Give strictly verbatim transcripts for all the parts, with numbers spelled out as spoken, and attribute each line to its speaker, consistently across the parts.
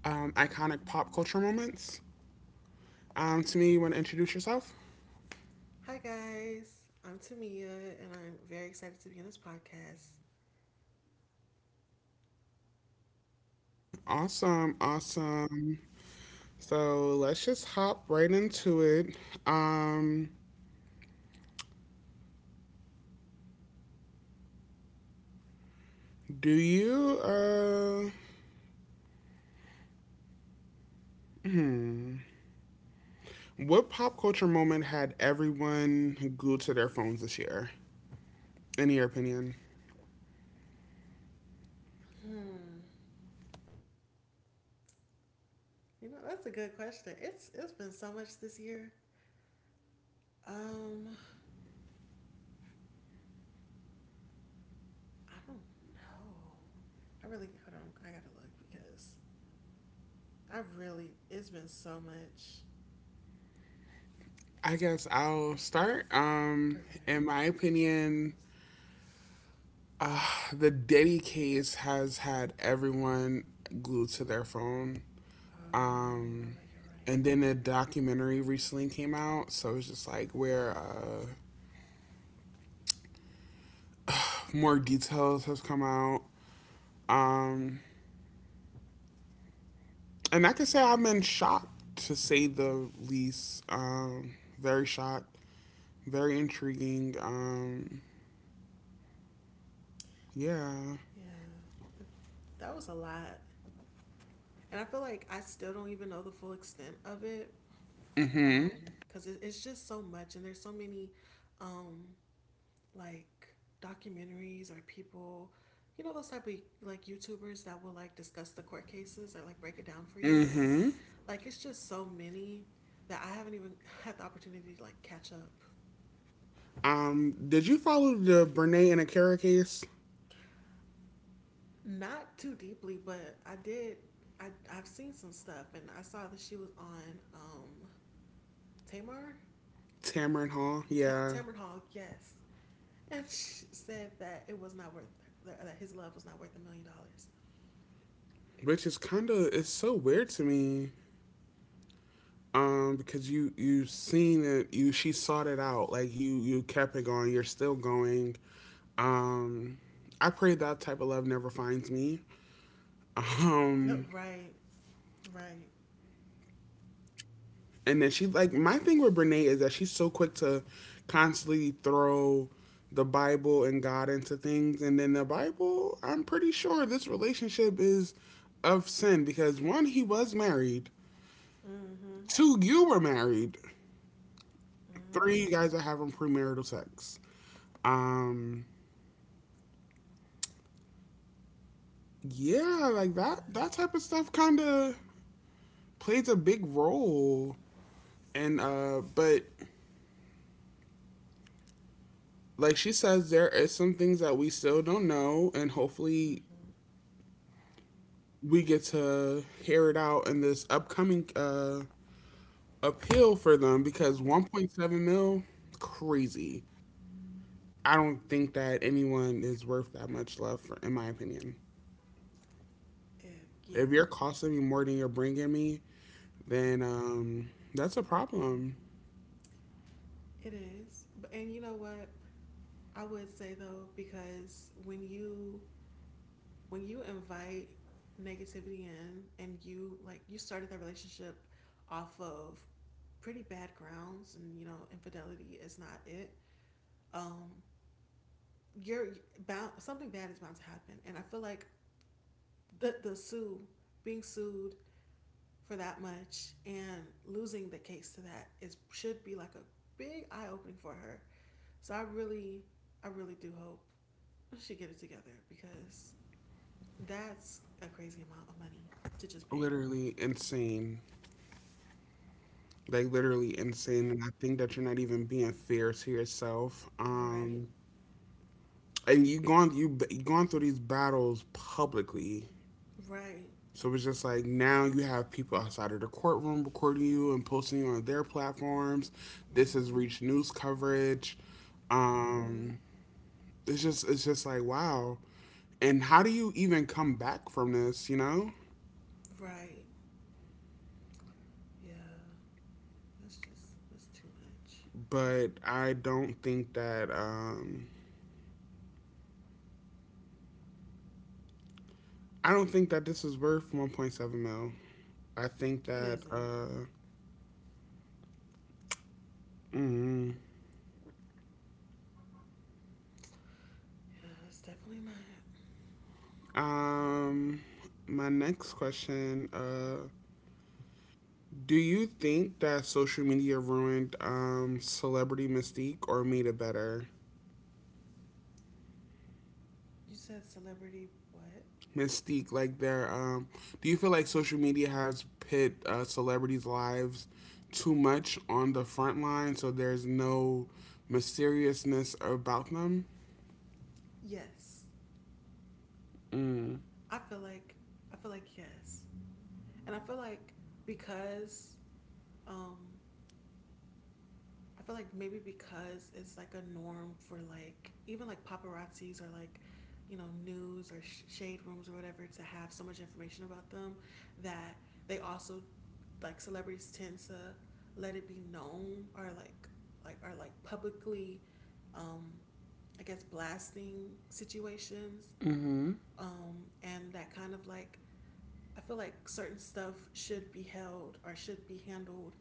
Speaker 1: um, iconic pop culture moments. Um, Tamia, you want to introduce yourself?
Speaker 2: Hi guys, I'm Tamia, and I'm very excited to be on this podcast.
Speaker 1: Awesome, awesome. So let's just hop right into it. Um, do you, uh, what pop culture moment had everyone glued to their phones this year, in your opinion?
Speaker 2: You know, that's a good question. It's it's been so much this year. Um, I don't know. I really hold on. I gotta look because I really it's been so much.
Speaker 1: I guess I'll start. Um,
Speaker 2: Okay.
Speaker 1: in my opinion, Uh, the Diddy case has had everyone glued to their phone.
Speaker 2: Oh, you know
Speaker 1: Um,
Speaker 2: what? You're right.
Speaker 1: and then a documentary recently came out, so it's just like where uh, more details has come out. Um, and I can say I have been shocked to say the least. Um, very shocked, very intriguing. Um, yeah.
Speaker 2: Yeah, that was a lot, and I feel like I still don't even know the full extent of it.
Speaker 1: Mm-hmm.
Speaker 2: Um, because it, it's just so much, and there's so many, um, like documentaries or people, you know, those type of like YouTubers that will like discuss the court cases or like break it down for you. Like it's just so many that I haven't even had the opportunity to like catch up.
Speaker 1: Um, did you follow the Brene and Akera case?
Speaker 2: Not too deeply, but I did. I I've seen some stuff, and I saw that she was on um Tamar
Speaker 1: Tamron Hall.
Speaker 2: Ta-
Speaker 1: Yeah.
Speaker 2: Tamron Hall, yes, and she said that it was not worth that his love was not worth a million dollars.
Speaker 1: Which is kind of, it's so weird to me, um because you you have seen it, you she sought it out, like you you kept it going, you're still going. um I pray that type of love never finds me. um
Speaker 2: Right, right.
Speaker 1: and then she, like, my thing with Brene is that she's so quick to constantly throw the Bible and God into things. And then the Bible, I'm pretty sure this relationship is of sin because one, he was married,
Speaker 2: Mm-hmm.
Speaker 1: two, you were married, three, you
Speaker 2: Mm-hmm.
Speaker 1: guys are having premarital sex. Um, yeah, like that
Speaker 2: Yeah.
Speaker 1: that type of stuff kind of plays a big role. And uh, but like she says, there is some things that we still don't know, and hopefully
Speaker 2: Mm-hmm.
Speaker 1: we get to hear it out in this upcoming uh appeal for them because one point seven mil, crazy. I don't think that anyone is worth that much love, for, in my opinion.
Speaker 2: It, yeah,
Speaker 1: If you're costing me more than you're bringing me, then um, that's a problem.
Speaker 2: it is. But and you know what? I would say though, because when you when you invite negativity in and you like you started that relationship off of pretty bad grounds, and you know infidelity is not it. um you're bound, something bad is bound to happen, and I feel like the, the sue being sued for that much and losing the case to that is should be like a big eye opening for her. So I really, I really do hope she get it together because that's a crazy amount of money to just pay.
Speaker 1: Literally insane. Like literally insane. And I think that you're not even being fair to yourself.
Speaker 2: Right.
Speaker 1: Um, and you gone, you b- you gone through these battles publicly.
Speaker 2: Right.
Speaker 1: So it's just like now you have people outside of the courtroom recording you and posting you on their platforms. This has
Speaker 2: Mhm.
Speaker 1: reached news coverage.
Speaker 2: Mhm.
Speaker 1: Um, it's just, it's just like, wow, and how do you even come back from this you know
Speaker 2: Right. Yeah. That's just that's too much.
Speaker 1: But I don't think that, um i don't think that this is worth one point seven mil. I think
Speaker 2: It
Speaker 1: that
Speaker 2: isn't.
Speaker 1: uh mm,
Speaker 2: Yeah, it's definitely not.
Speaker 1: um my next question, uh do you think that social media ruined um celebrity mystique or made it better?
Speaker 2: You said celebrity what?
Speaker 1: Mystique, like their, um do you feel like social media has pit uh, celebrities lives too much on the front line so there's no mysteriousness about them?
Speaker 2: Yes.
Speaker 1: Mm.
Speaker 2: I feel like I feel like yes. And I feel like because um I feel like maybe because it's like a norm for like even like paparazzis or like you know news or sh- shade rooms or whatever to have so much information about them, that they also like celebrities tend to let it be known, or like like are like publicly, um I guess blasting situations.
Speaker 1: Mm-hmm.
Speaker 2: Um and that kind of like I feel like certain stuff should be held or should be handled,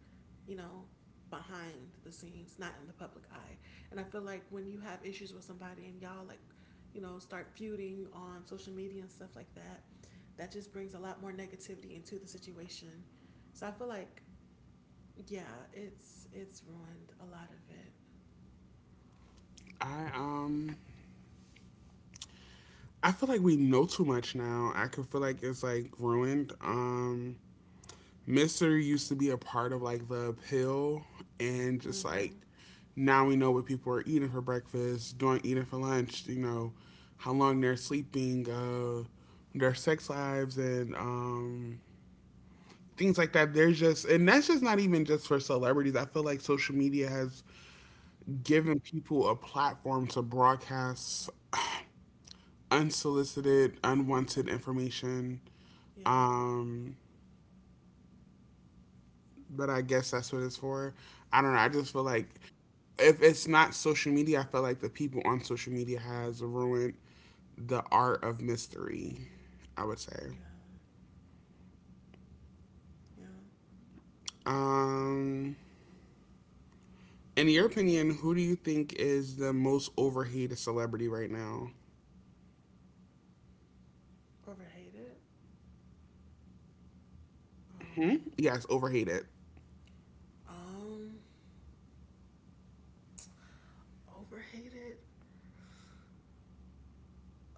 Speaker 2: you know, behind the scenes, not in the public eye. And I feel like when you have issues with somebody and y'all like, you know, start feuding on social media and stuff like that, that just brings a lot more negativity into the situation. So I feel like yeah, it's it's ruined a lot of it.
Speaker 1: I um i feel like we know too much now. I could feel like it's like ruined, um mister used to be a part of like the appeal, and just like
Speaker 2: Mhm.
Speaker 1: now we know what people are eating for breakfast, doing, eating for lunch. You know, how long they're sleeping, uh, their sex lives, and um, things like that. There's just, and that's just not even just for celebrities. I feel like social media has given people a platform to broadcast unsolicited, unwanted information.
Speaker 2: Yeah.
Speaker 1: Um, but I guess that's what it's for. I don't know. I just feel like if it's not social media, I feel like the people on social media has ruined the art of mystery, I would say.
Speaker 2: Yeah. Yeah.
Speaker 1: Um, in your opinion, who do you think is the most overhated celebrity right now?
Speaker 2: Overhated.
Speaker 1: Hmm?
Speaker 2: Um
Speaker 1: Yes, overhated.
Speaker 2: um overhated.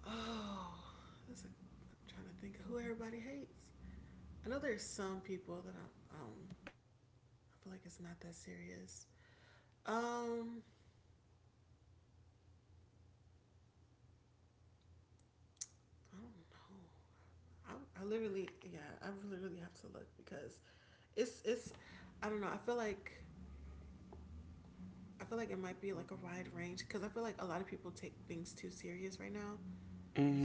Speaker 2: Oh, that's a, I'm trying to think of who everybody hates. I know there's some people that I'm. Um, I feel like it's not that serious. Um, I don't know. I, I literally, yeah, I literally have to look because it's it's. I don't know. I feel like I feel like it might be like a wide range because I feel like a lot of people take things too serious right now.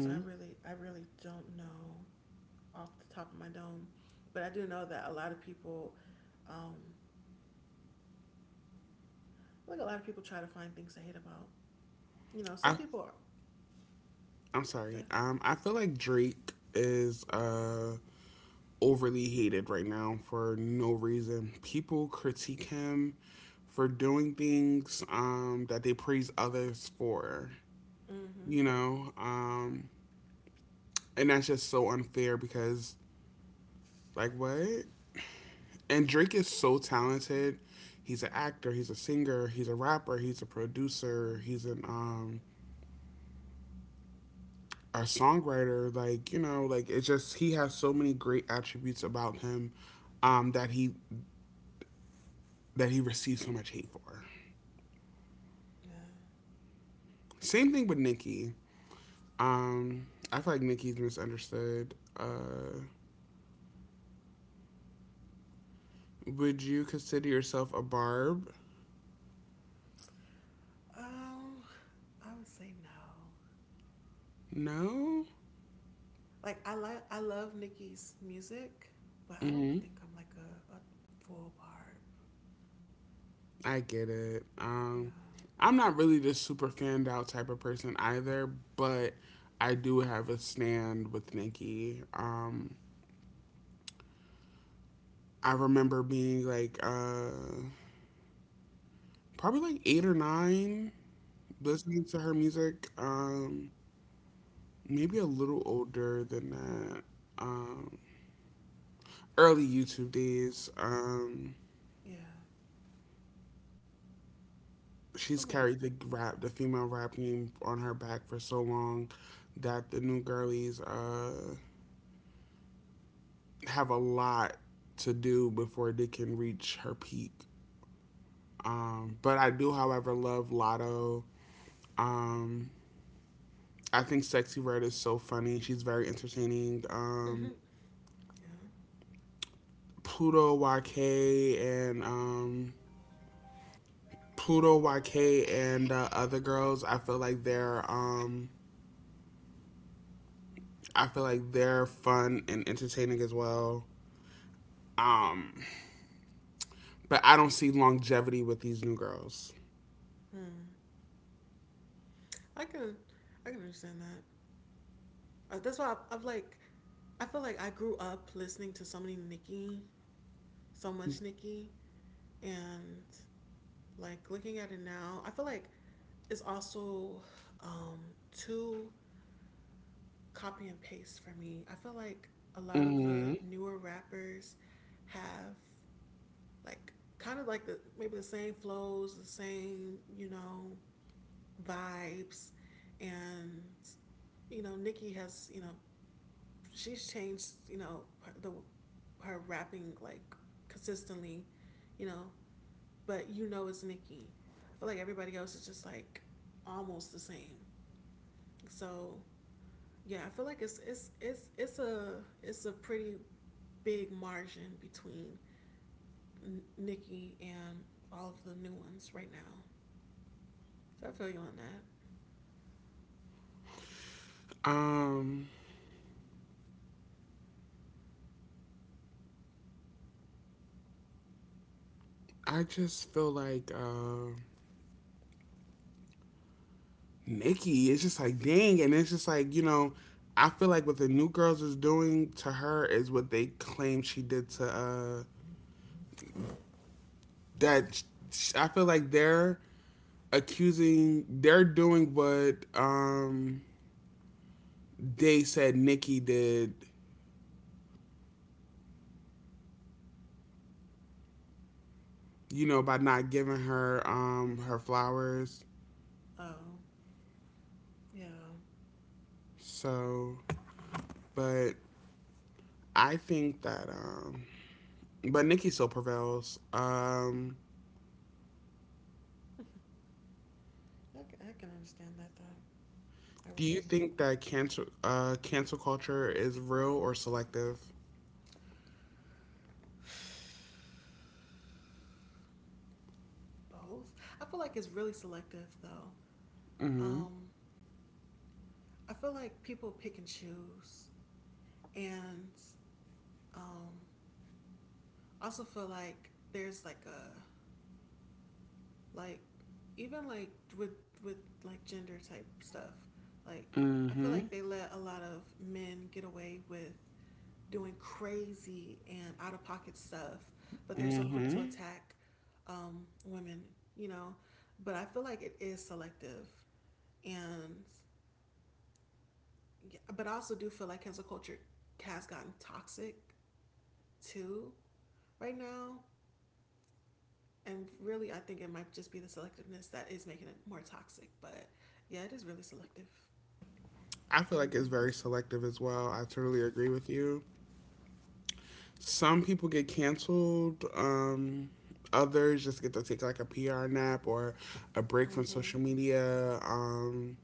Speaker 2: So I really, I really don't know off the top of my dome, but I do know that a lot of people, um, like a lot of people try to find things to hate about, you know, some
Speaker 1: I,
Speaker 2: people are.
Speaker 1: I'm
Speaker 2: Go
Speaker 1: sorry.
Speaker 2: ahead.
Speaker 1: Um, I feel like Drake is uh overly hated right now for no reason. People critique him for doing things um, that they praise others for,
Speaker 2: Mm-hmm.
Speaker 1: you know? Um, and that's just so unfair because, like, what? And Drake is so talented. He's an actor, he's a singer, he's a rapper, he's a producer, he's an. Um, a songwriter, like, you know, like, it's just he has so many great attributes about him, um that he, that he receives so much hate for.
Speaker 2: Yeah.
Speaker 1: Same thing with Nikki. Um, I feel like Nikki's misunderstood. Uh, would you consider yourself a barb?
Speaker 2: Um, I would say no.
Speaker 1: No.
Speaker 2: Like I like I love Nicki's music, but I don't
Speaker 1: Hmm.
Speaker 2: think I'm like a, a full barb.
Speaker 1: I get it.
Speaker 2: Yeah.
Speaker 1: Um, I'm not really the super fanned out type of person either, but I do have a stand with Nikki. Um, I remember being like, uh, probably like eight or nine, listening to
Speaker 2: Mm-hmm.
Speaker 1: her music. Um, maybe a little older than that. Um, Early YouTube days. Um,
Speaker 2: Yeah. So
Speaker 1: she's
Speaker 2: I'm like,
Speaker 1: carried the rap, the female rap name on her back for so long that the new girlies uh, have a lot to do before they can reach her peak. Um, but I do, however, love Lotto. Um, I think Sexy Red is so funny. She's very entertaining. Um,
Speaker 2: mm-hmm. Yeah.
Speaker 1: Pluto Y K and um, Pluto Y K and uh, other girls. I feel like they're um, I feel like they're fun and entertaining as well. Um, but I don't see longevity with these new girls.
Speaker 2: Hmm. I can, I can understand that. Uh, That's why I've, I've like, I feel like I grew up listening to so many Nicki, so much Nicki, and like looking at it now, I feel like it's also, um, too copy and paste for me. I feel like a lot of
Speaker 1: Mm-hmm.
Speaker 2: the newer rappers have like kind of like the maybe the same flows, the same you know vibes, and you know Nicki has you know she's changed you know the her rapping like consistently, you know but you know it's Nikki. I feel like everybody else is just like almost the same. So yeah, I feel like it's it's it's it's a it's a pretty big margin between N- Nikki and all of the new ones right now. So I feel you on that.
Speaker 1: Um, I just feel like uh, Nikki. It's just like, dang, and it's just like, you know. I feel like what the new girls is doing to her is what they claim she did to uh that. sh- I feel like they're accusing, they're doing what um they said Nikki did, you know, by not giving her, um, her flowers.
Speaker 2: Oh yeah,
Speaker 1: So, but I think that, um, but Nikki still prevails. Um,
Speaker 2: I I can understand that though. I
Speaker 1: do
Speaker 2: what you
Speaker 1: you
Speaker 2: mean.
Speaker 1: think that cancel uh, cancel culture is real or selective?
Speaker 2: Both. I feel like it's really selective though.
Speaker 1: Mm-hmm.
Speaker 2: Um, I feel like people pick and choose, and um, I also feel like there's like a like even like with with like gender type stuff. Like I feel
Speaker 1: Mm-hmm.
Speaker 2: like they let a lot of men get away with doing crazy and out of pocket stuff, but they're so quick
Speaker 1: Mm-hmm.
Speaker 2: to attack um, women. You know, but I feel like it is selective, and yeah, but I also do feel like cancel culture has gotten toxic too right now. And really, I think it might just be the selectiveness that is making it more toxic. But yeah, it is really selective.
Speaker 1: I feel
Speaker 2: What do you
Speaker 1: like it's
Speaker 2: think?
Speaker 1: very selective as well. I totally agree with you. Some people get canceled. Um, others just get to take like a P R nap or a break from
Speaker 2: Mm-hmm.
Speaker 1: social media. Um,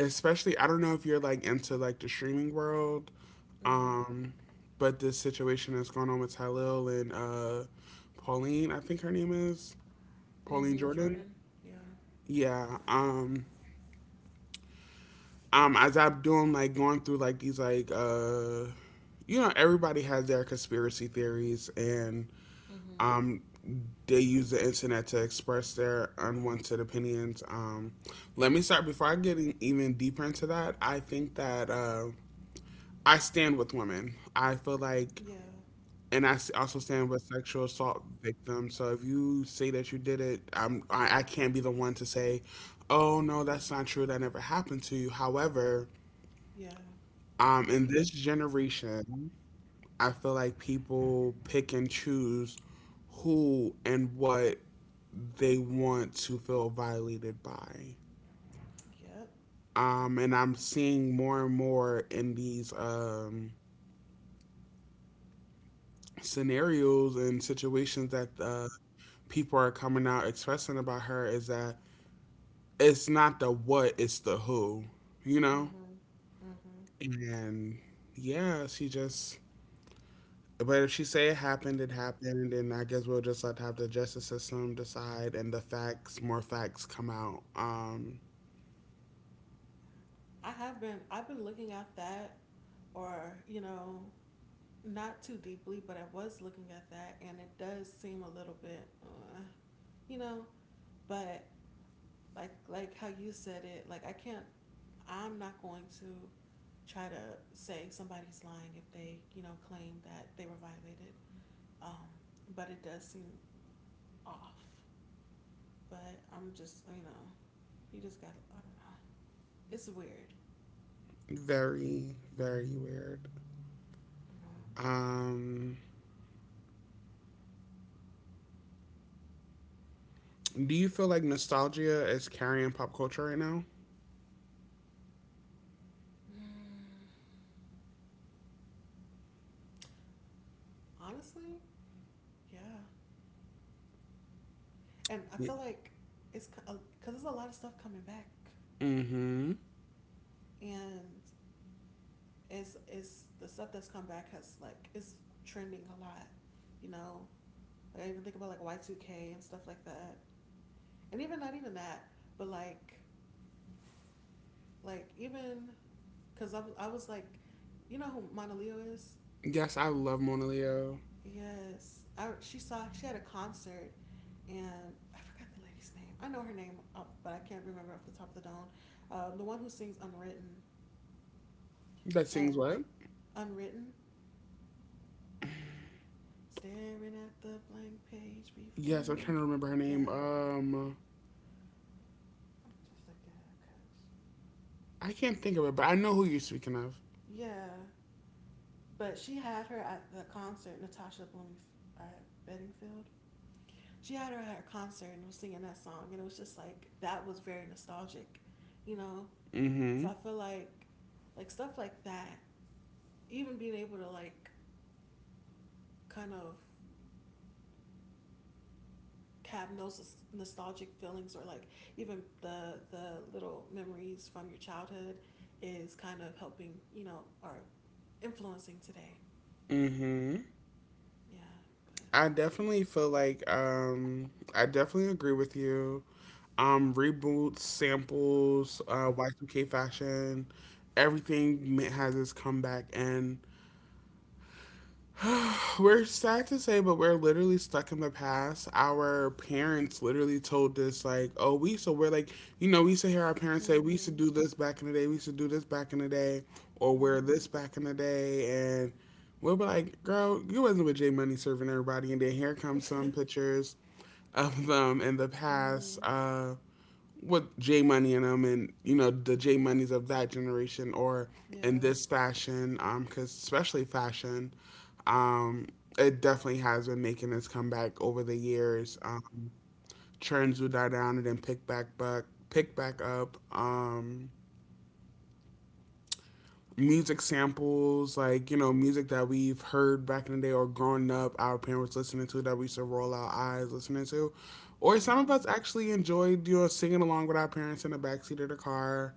Speaker 1: Especially, I don't know if you're like into like the streaming world,
Speaker 2: Mm-hmm.
Speaker 1: um, but this situation that's going on with Tylil and uh, Pauline, I think her name is Pauline
Speaker 2: Mm-hmm.
Speaker 1: Jordan.
Speaker 2: Jordan. Yeah.
Speaker 1: Yeah. Um, um, as I'm doing like going through like these like, uh, you know, everybody has their conspiracy theories and
Speaker 2: Mm-hmm.
Speaker 1: um they use the internet to express their unwanted opinions. Um, let me start before I get in, even deeper into that. I think that. Uh, I stand with women. I feel like,
Speaker 2: Yeah.
Speaker 1: and I s- also stand with sexual assault victims. So if you say that you did it, I'm, I, I can't be the one to say, oh,
Speaker 2: You
Speaker 1: no,
Speaker 2: did.
Speaker 1: that's not true. That never happened to you. However,
Speaker 2: Yeah.
Speaker 1: um, in this generation, I feel like people pick and choose who and what they want to feel violated by.
Speaker 2: Yep.
Speaker 1: Um, and I'm seeing more and more in these, um, scenarios and situations that uh, people are coming out expressing about her is that it's not the what, it's the who, you know?
Speaker 2: Mm-hmm. Mm-hmm.
Speaker 1: And yeah, she just, but if she say it happened, it happened, and I guess we'll just like have the justice system decide, and the facts, more facts come out. Um,
Speaker 2: I have been I've been looking at that or, you know, not too deeply, but I was looking at that and it does seem a little bit uh, you know, but like like how you said it, like I can't I'm not going to try to say somebody's lying if they, you know, claim that they were violated. Um, but it does seem off. But I'm just, you know, you just gotta, I don't know. It's weird.
Speaker 1: very, very weird.
Speaker 2: You
Speaker 1: Um, do you feel like nostalgia is carrying pop culture right now?
Speaker 2: know. Honestly, yeah. And I
Speaker 1: Yeah.
Speaker 2: feel like it's because there's a lot of stuff coming back.
Speaker 1: Mm-hmm.
Speaker 2: And it's, it's the stuff that's come back has like, it's trending a lot, you know? Like, I even think about like Y two K and stuff like that. And even not even that, but like Like even because I, I was like, you know who Mona Leo is?
Speaker 1: Yes, I love Mona Leo.
Speaker 2: Yes, I she saw she had a concert, and I forgot the lady's name. I know her name, uh, but I can't remember off the top of the dome. Um, the one who sings Unwritten
Speaker 1: That sings
Speaker 2: and
Speaker 1: what?
Speaker 2: Unwritten, staring at the blank page
Speaker 1: Yes,
Speaker 2: before
Speaker 1: I'm
Speaker 2: you.
Speaker 1: trying to remember her name.
Speaker 2: Yeah,
Speaker 1: Um,
Speaker 2: I'm just like yeah, cause
Speaker 1: I can't think of it, but I know who you're speaking of.
Speaker 2: yeah. But she had her at the concert, Natasha Blooming, uh, Bedingfield, she had her at her concert and was singing that song, and it was just like that was very nostalgic, you know.
Speaker 1: Mm-hmm.
Speaker 2: So I feel like like stuff like that, even being able to like kind of have those nostalgic feelings or like even the the little memories from your childhood is kind of helping, you know, or influencing today.
Speaker 1: Mm-hmm.
Speaker 2: Yeah. But.
Speaker 1: I definitely feel like, um, I definitely agree with you. Um, reboots, samples, uh, Y two K fashion, everything ma- has its comeback, and we're sad to say, but we're literally stuck in the past. Our parents literally told us, like, oh, we used to wear, like, you know, we used to hear our parents say, we used to
Speaker 2: Mhm.
Speaker 1: do this back in the day, we used to do this back in the day, or wear
Speaker 2: Mhm.
Speaker 1: this back in the day. And we'll be like, girl, you wasn't with J Money serving everybody. And then here come some pictures of them in the past.
Speaker 2: Mhm.
Speaker 1: Uh, with J Money and them, and you know, the J Moneys of that generation, or in
Speaker 2: Yeah.
Speaker 1: this fashion, um, because especially fashion, um, it definitely has been making its comeback over the years. Um, trends would die down and then pick back back pick back up. Um, music samples, like, you know, music that we've heard back in the day or growing up, our parents listening to that we used to roll our eyes listening to, or some of us
Speaker 2: Mhm.
Speaker 1: actually enjoyed, you know, singing along with our parents in the backseat of the car.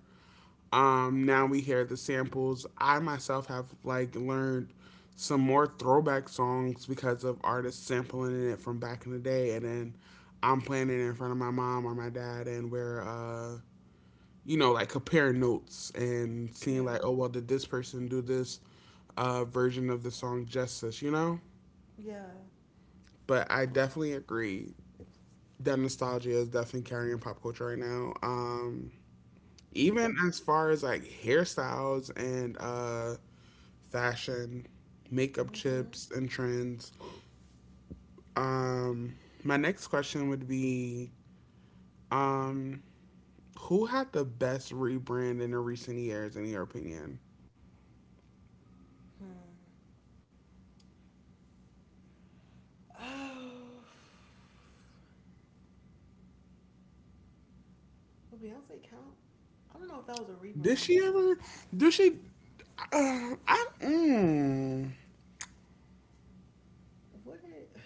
Speaker 1: Um, now we hear the samples. I myself have like learned some more throwback songs because of artists sampling it from back in the day, and then I'm playing it in front of my mom or my dad, and we're, uh, you know, like comparing notes and seeing
Speaker 2: Yeah.
Speaker 1: like, oh well, did this person do this, uh, version of the song Justice? You know,
Speaker 2: Yeah.
Speaker 1: but I definitely agree that nostalgia is definitely carrying pop culture right now. Um, even as far as like hairstyles and uh fashion, makeup
Speaker 2: Mhm.
Speaker 1: tips, and trends. Um, my next question would be, um, who had the best rebrand in the recent years, in your opinion?
Speaker 2: Hmm. Oh, will Beyonce count? I don't know if that was a
Speaker 1: Did
Speaker 2: rebrand.
Speaker 1: she ever? Did she? Uh, I, mm,
Speaker 2: Would it?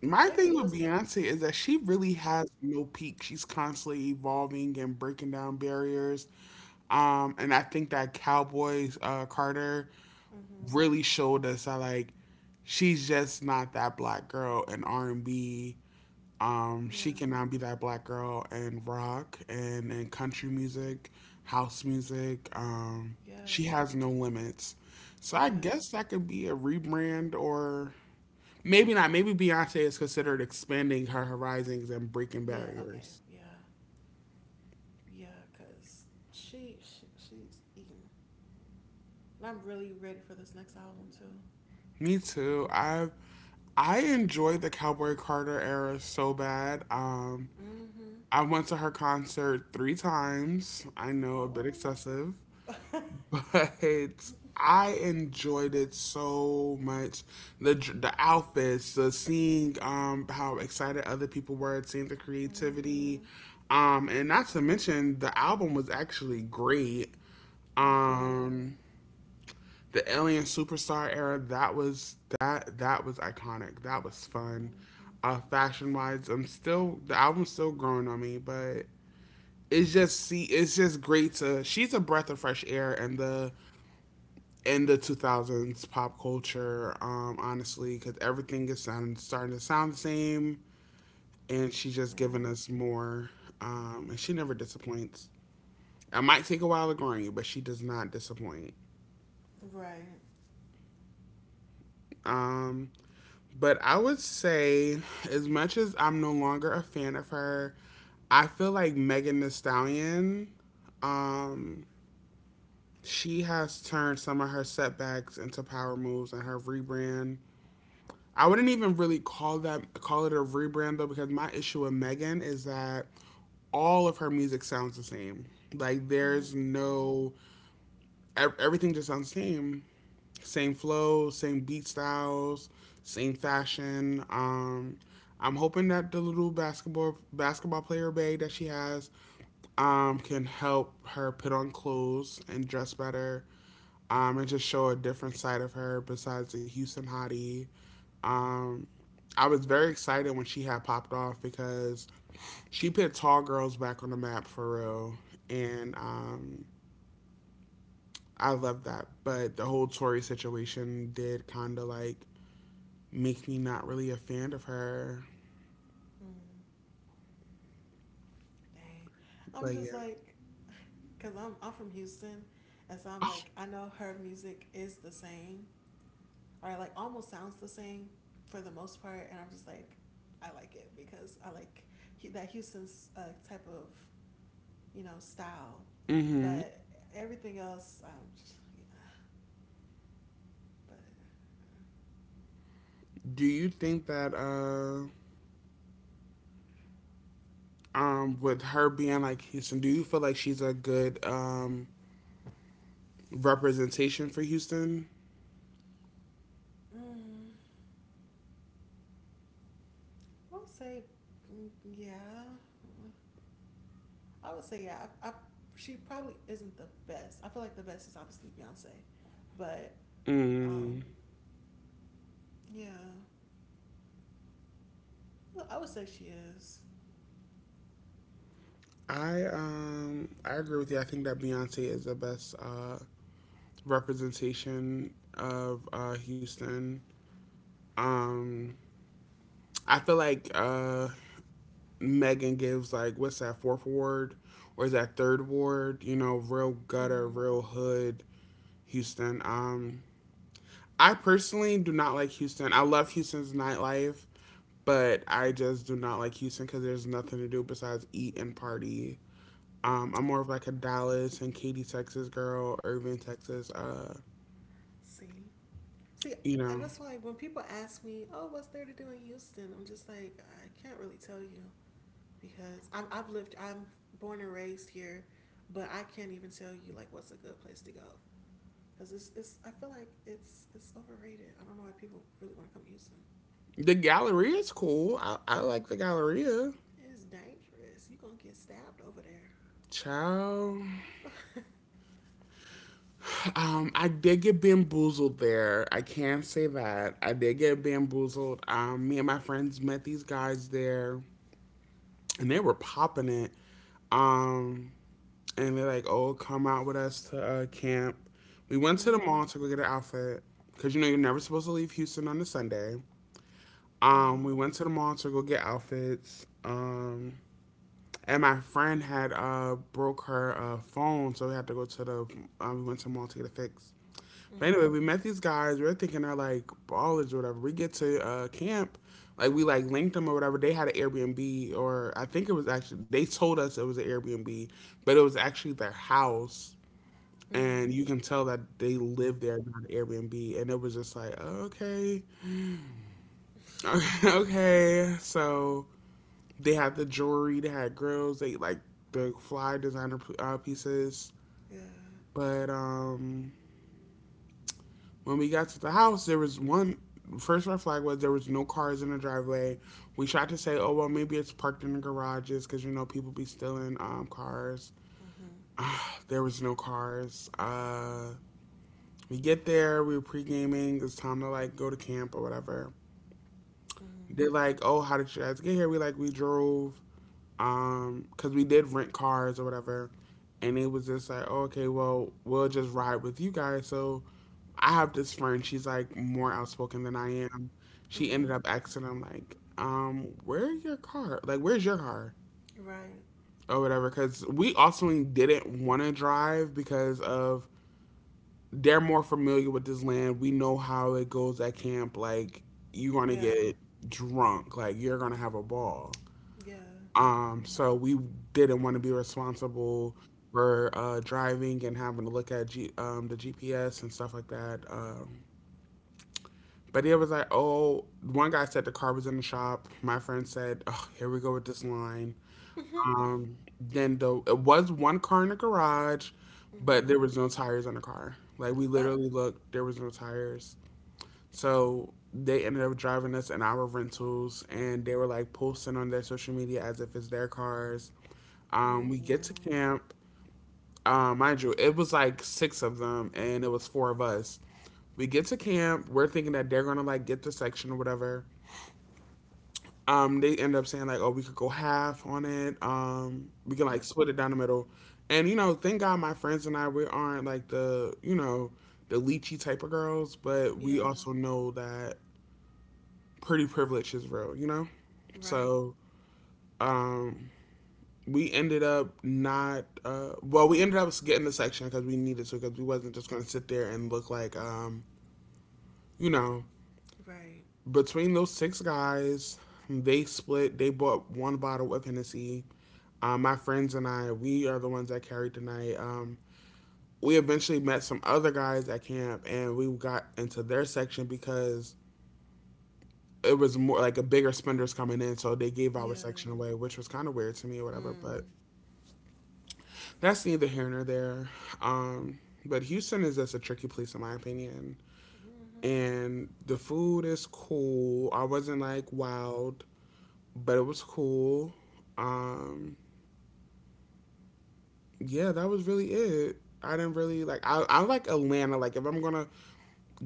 Speaker 1: My
Speaker 2: Maybe
Speaker 1: thing
Speaker 2: it
Speaker 1: with
Speaker 2: was a.
Speaker 1: Beyonce is that she really has no peak. She's constantly evolving and breaking down barriers. Um, and I think that Cowboys uh, Carter
Speaker 2: Mm-hmm.
Speaker 1: really showed us that like she's just not that black girl in R and B. Um,
Speaker 2: Yeah.
Speaker 1: she cannot be that black girl in rock and in country music, house music. Um,
Speaker 2: Yeah.
Speaker 1: she has no limits. So I
Speaker 2: Yeah.
Speaker 1: guess that could be a rebrand or maybe not. Maybe Beyonce is considered expanding her horizons and breaking
Speaker 2: Yeah. Okay.
Speaker 1: barriers.
Speaker 2: Yeah. Yeah. Cause she, she she's eating, and I'm really ready for this next album too.
Speaker 1: Me too. I I enjoyed the Cowboy Carter era so bad. Um,
Speaker 2: Mm-hmm.
Speaker 1: I went to her concert three times. I know a bit
Speaker 2: Oh.
Speaker 1: excessive, but I enjoyed it so much. The dr- the outfits, the seeing um how excited other people were, seeing the creativity,
Speaker 2: Mm-hmm.
Speaker 1: um, and not to mention the album was actually great.
Speaker 2: You're right.
Speaker 1: Um, the Alien Superstar era that was that that was iconic. That was fun.
Speaker 2: Mm-hmm.
Speaker 1: Uh, fashion wise, I'm still the album's still growing on me, but it's just see it's just great to she's a breath of fresh air in the in the two thousands pop culture um honestly because everything is sound, starting to sound the same, and she's just giving
Speaker 2: Yeah.
Speaker 1: us more, um and she never disappoints. It might take a while to grow you, but she does not disappoint.
Speaker 2: Right.
Speaker 1: um But I would say, as much as I'm no longer a fan of her, I feel like Megan Thee Stallion, um, she has turned some of her setbacks into power moves and her rebrand. I wouldn't even really call that call it a rebrand though, because my issue with Megan is that all of her music sounds the same. Like
Speaker 2: Mm-hmm.
Speaker 1: there's
Speaker 2: Yeah.
Speaker 1: no e-, everything just sounds the same. Same flow, same beat styles, same fashion. Um, I'm hoping that the little basketball basketball player bag that she has um, can help her put on clothes and dress better, um, and just show a different side of her besides the Houston hottie. Um, I was very excited when she had popped off because she put tall girls back on the map for real, and
Speaker 2: Uh,
Speaker 1: um, I love that. But the whole Tory situation did kind of like make me not really a fan of her.
Speaker 2: mm, dang. I'm
Speaker 1: But
Speaker 2: just
Speaker 1: yeah.
Speaker 2: like, cause I'm I'm from Houston, and so I'm like I know her music is the same or like almost sounds the same for the most part, and I'm just like I like it because I like Hu- that Houston's uh, type of you know style,
Speaker 1: Mm-hmm.
Speaker 2: but everything else um yeah, but
Speaker 1: Do you think that uh um with her being like Houston, do you feel like she's a good um representation for Houston?
Speaker 2: yeah. mm, I would say mm, yeah, I would say yeah. I, I she probably isn't the best. I feel like the best is obviously Beyonce, but
Speaker 1: Mm.
Speaker 2: um yeah, I would say she is.
Speaker 1: I um I agree with you. I think that Beyonce is the best uh representation of uh Houston. Um I feel like uh Megan gives like what's that fourth ward or is that third ward? You know, real gutter,
Speaker 2: Mm-hmm.
Speaker 1: real hood Houston. Um, I personally do not like Houston. I love Houston's nightlife, but I just do not like Houston because there's nothing to do besides eat and party. Um, I'm more of like a Dallas and Katy, Texas girl, Irving, Texas. Uh,
Speaker 2: See, see,
Speaker 1: you
Speaker 2: and
Speaker 1: know,
Speaker 2: that's why when people ask me, "Oh, what's there to do in Houston?" I'm just like, I can't really tell you because I'm, I've lived, I'm born and raised here, but I can't even tell you like what's a good place to go because it's, it's. I feel like it's it's overrated. I don't know why people really want to come to Houston.
Speaker 1: the Galleria is cool. I, I like the Galleria.
Speaker 2: It's dangerous. You gonna get stabbed over there.
Speaker 1: Ciao. Um, I did get bamboozled there. I can say that. I did get bamboozled. Um, me and my friends met these guys there and they were popping it. Um, and they're like, oh, come out with us to uh, camp. We went to the
Speaker 2: Mm.
Speaker 1: mall to go get an outfit because you know you're never supposed to leave Houston on a Sunday. Um, we
Speaker 2: Mm.
Speaker 1: went to the mall to go get outfits. Um, and my friend had uh broke her uh phone, so we had to go to the um, we went to the mall to get it fixed. But
Speaker 2: Mm-hmm.
Speaker 1: anyway, we met these guys. We were thinking they're like ballers or whatever. We get to uh, camp, like we like linked them or whatever. They had an Airbnb, or I think it was actually they told us it was an Airbnb, but it was actually their house, and
Speaker 2: Mm.
Speaker 1: you can tell that they lived there, not an Airbnb. And it was just like okay, okay. So they had the jewelry, they had grills, they like the fly designer uh, pieces,
Speaker 2: Yeah.
Speaker 1: but um when we got to the house, there was one first red flag was there was no cars in the driveway. We tried to say, oh well, maybe it's parked in the garages because you know people be stealing um, cars.
Speaker 2: Mm-hmm.
Speaker 1: Uh, there was no cars. Uh, we get there, we were pre gaming. It's time to like go to camp or whatever.
Speaker 2: Mm-hmm.
Speaker 1: They're like, oh, how did you guys get here? We like we drove. Um, cause we did rent cars or whatever, and it was just like, oh, okay, well, we'll just ride with you guys. So I have this friend. She's like more outspoken than I am. She ended
Speaker 2: Mm-hmm.
Speaker 1: up asking him like, um, where's your car? Like, where's your car
Speaker 2: Right.
Speaker 1: or whatever? Because we also didn't want to drive because of they're more familiar with this land. We know how it goes at camp. Like, you're gonna
Speaker 2: Yeah.
Speaker 1: get drunk. Like, you're gonna have a ball.
Speaker 2: Yeah.
Speaker 1: Um, so we didn't want to be responsible for uh, driving and having to look at G- um, the G P S and stuff like that. Um, but it was like, oh, one guy said the car was in the shop. My friend said, oh, here we go with this line. Um, then the it was one car in the garage, but
Speaker 2: Mm-hmm.
Speaker 1: there was no tires on the car. Like we
Speaker 2: Uh,
Speaker 1: literally looked, there was no tires. So they ended up driving us in our rentals, and they were like posting on their social media as if it's their cars. Um, we get to
Speaker 2: mm-mm.
Speaker 1: camp. Um, mind you, it was like six of them, and it was four of us. We get to camp. We're thinking that they're gonna like get the section or whatever. Um, they end up saying like, "Oh, we could go half on it. Um, we can
Speaker 2: Uh,
Speaker 1: like split it down the middle." And you know, thank God my friends and I, we aren't like the, you know, the leechy type of girls, but we
Speaker 2: yeah.
Speaker 1: also know that pretty privilege is real, you know.
Speaker 2: Right.
Speaker 1: So, um, we ended up not uh, well we ended up getting the section because we needed to, because we wasn't just going to sit there and look like, um, you know,
Speaker 2: Right.
Speaker 1: between those six guys. They split they bought one bottle of hennessy, uh, my friends and i, we are the ones that carried tonight, um, we eventually met some other guys at camp and we got into their section because it was more like a bigger spenders coming in, so they gave
Speaker 2: Yeah.
Speaker 1: our section away, which was kind of weird to me or whatever, but
Speaker 2: Mm.
Speaker 1: that's neither here nor there. Um, but Houston is just a tricky place in my opinion.
Speaker 2: Mm-hmm.
Speaker 1: And the food is cool. I wasn't like wild, but it was cool. Um, yeah, that was really it. I didn't really like I, I like Atlanta. Like if I'm gonna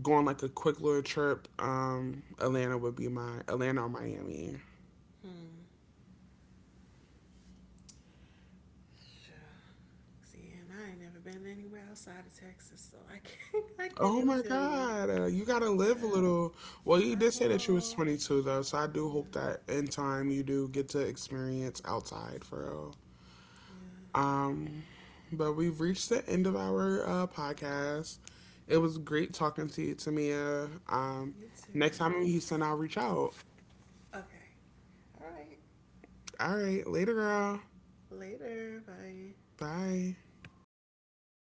Speaker 1: go on like a quick little trip, um, Atlanta would be my Atlanta or Miami.
Speaker 2: Hmm. Yeah. See, and I ain't never been anywhere outside of Texas, so I can't. I can't
Speaker 1: Oh
Speaker 2: even
Speaker 1: my
Speaker 2: tell you.
Speaker 1: God, uh, you gotta live a
Speaker 2: Yeah.
Speaker 1: little. Well, you
Speaker 2: I
Speaker 1: did say that you was
Speaker 2: know.
Speaker 1: twenty-two though, so I do hope
Speaker 2: Yeah.
Speaker 1: that in time you do get to experience outside for real.
Speaker 2: Yeah.
Speaker 1: Um, but we've reached the end of our uh, podcast. It was great talking to you, Tamia. Um,
Speaker 2: You
Speaker 1: next time
Speaker 2: too.
Speaker 1: I'm in Houston, I'll reach out.
Speaker 2: Okay. All right.
Speaker 1: All right, later, girl.
Speaker 2: Later. Bye.
Speaker 1: Bye.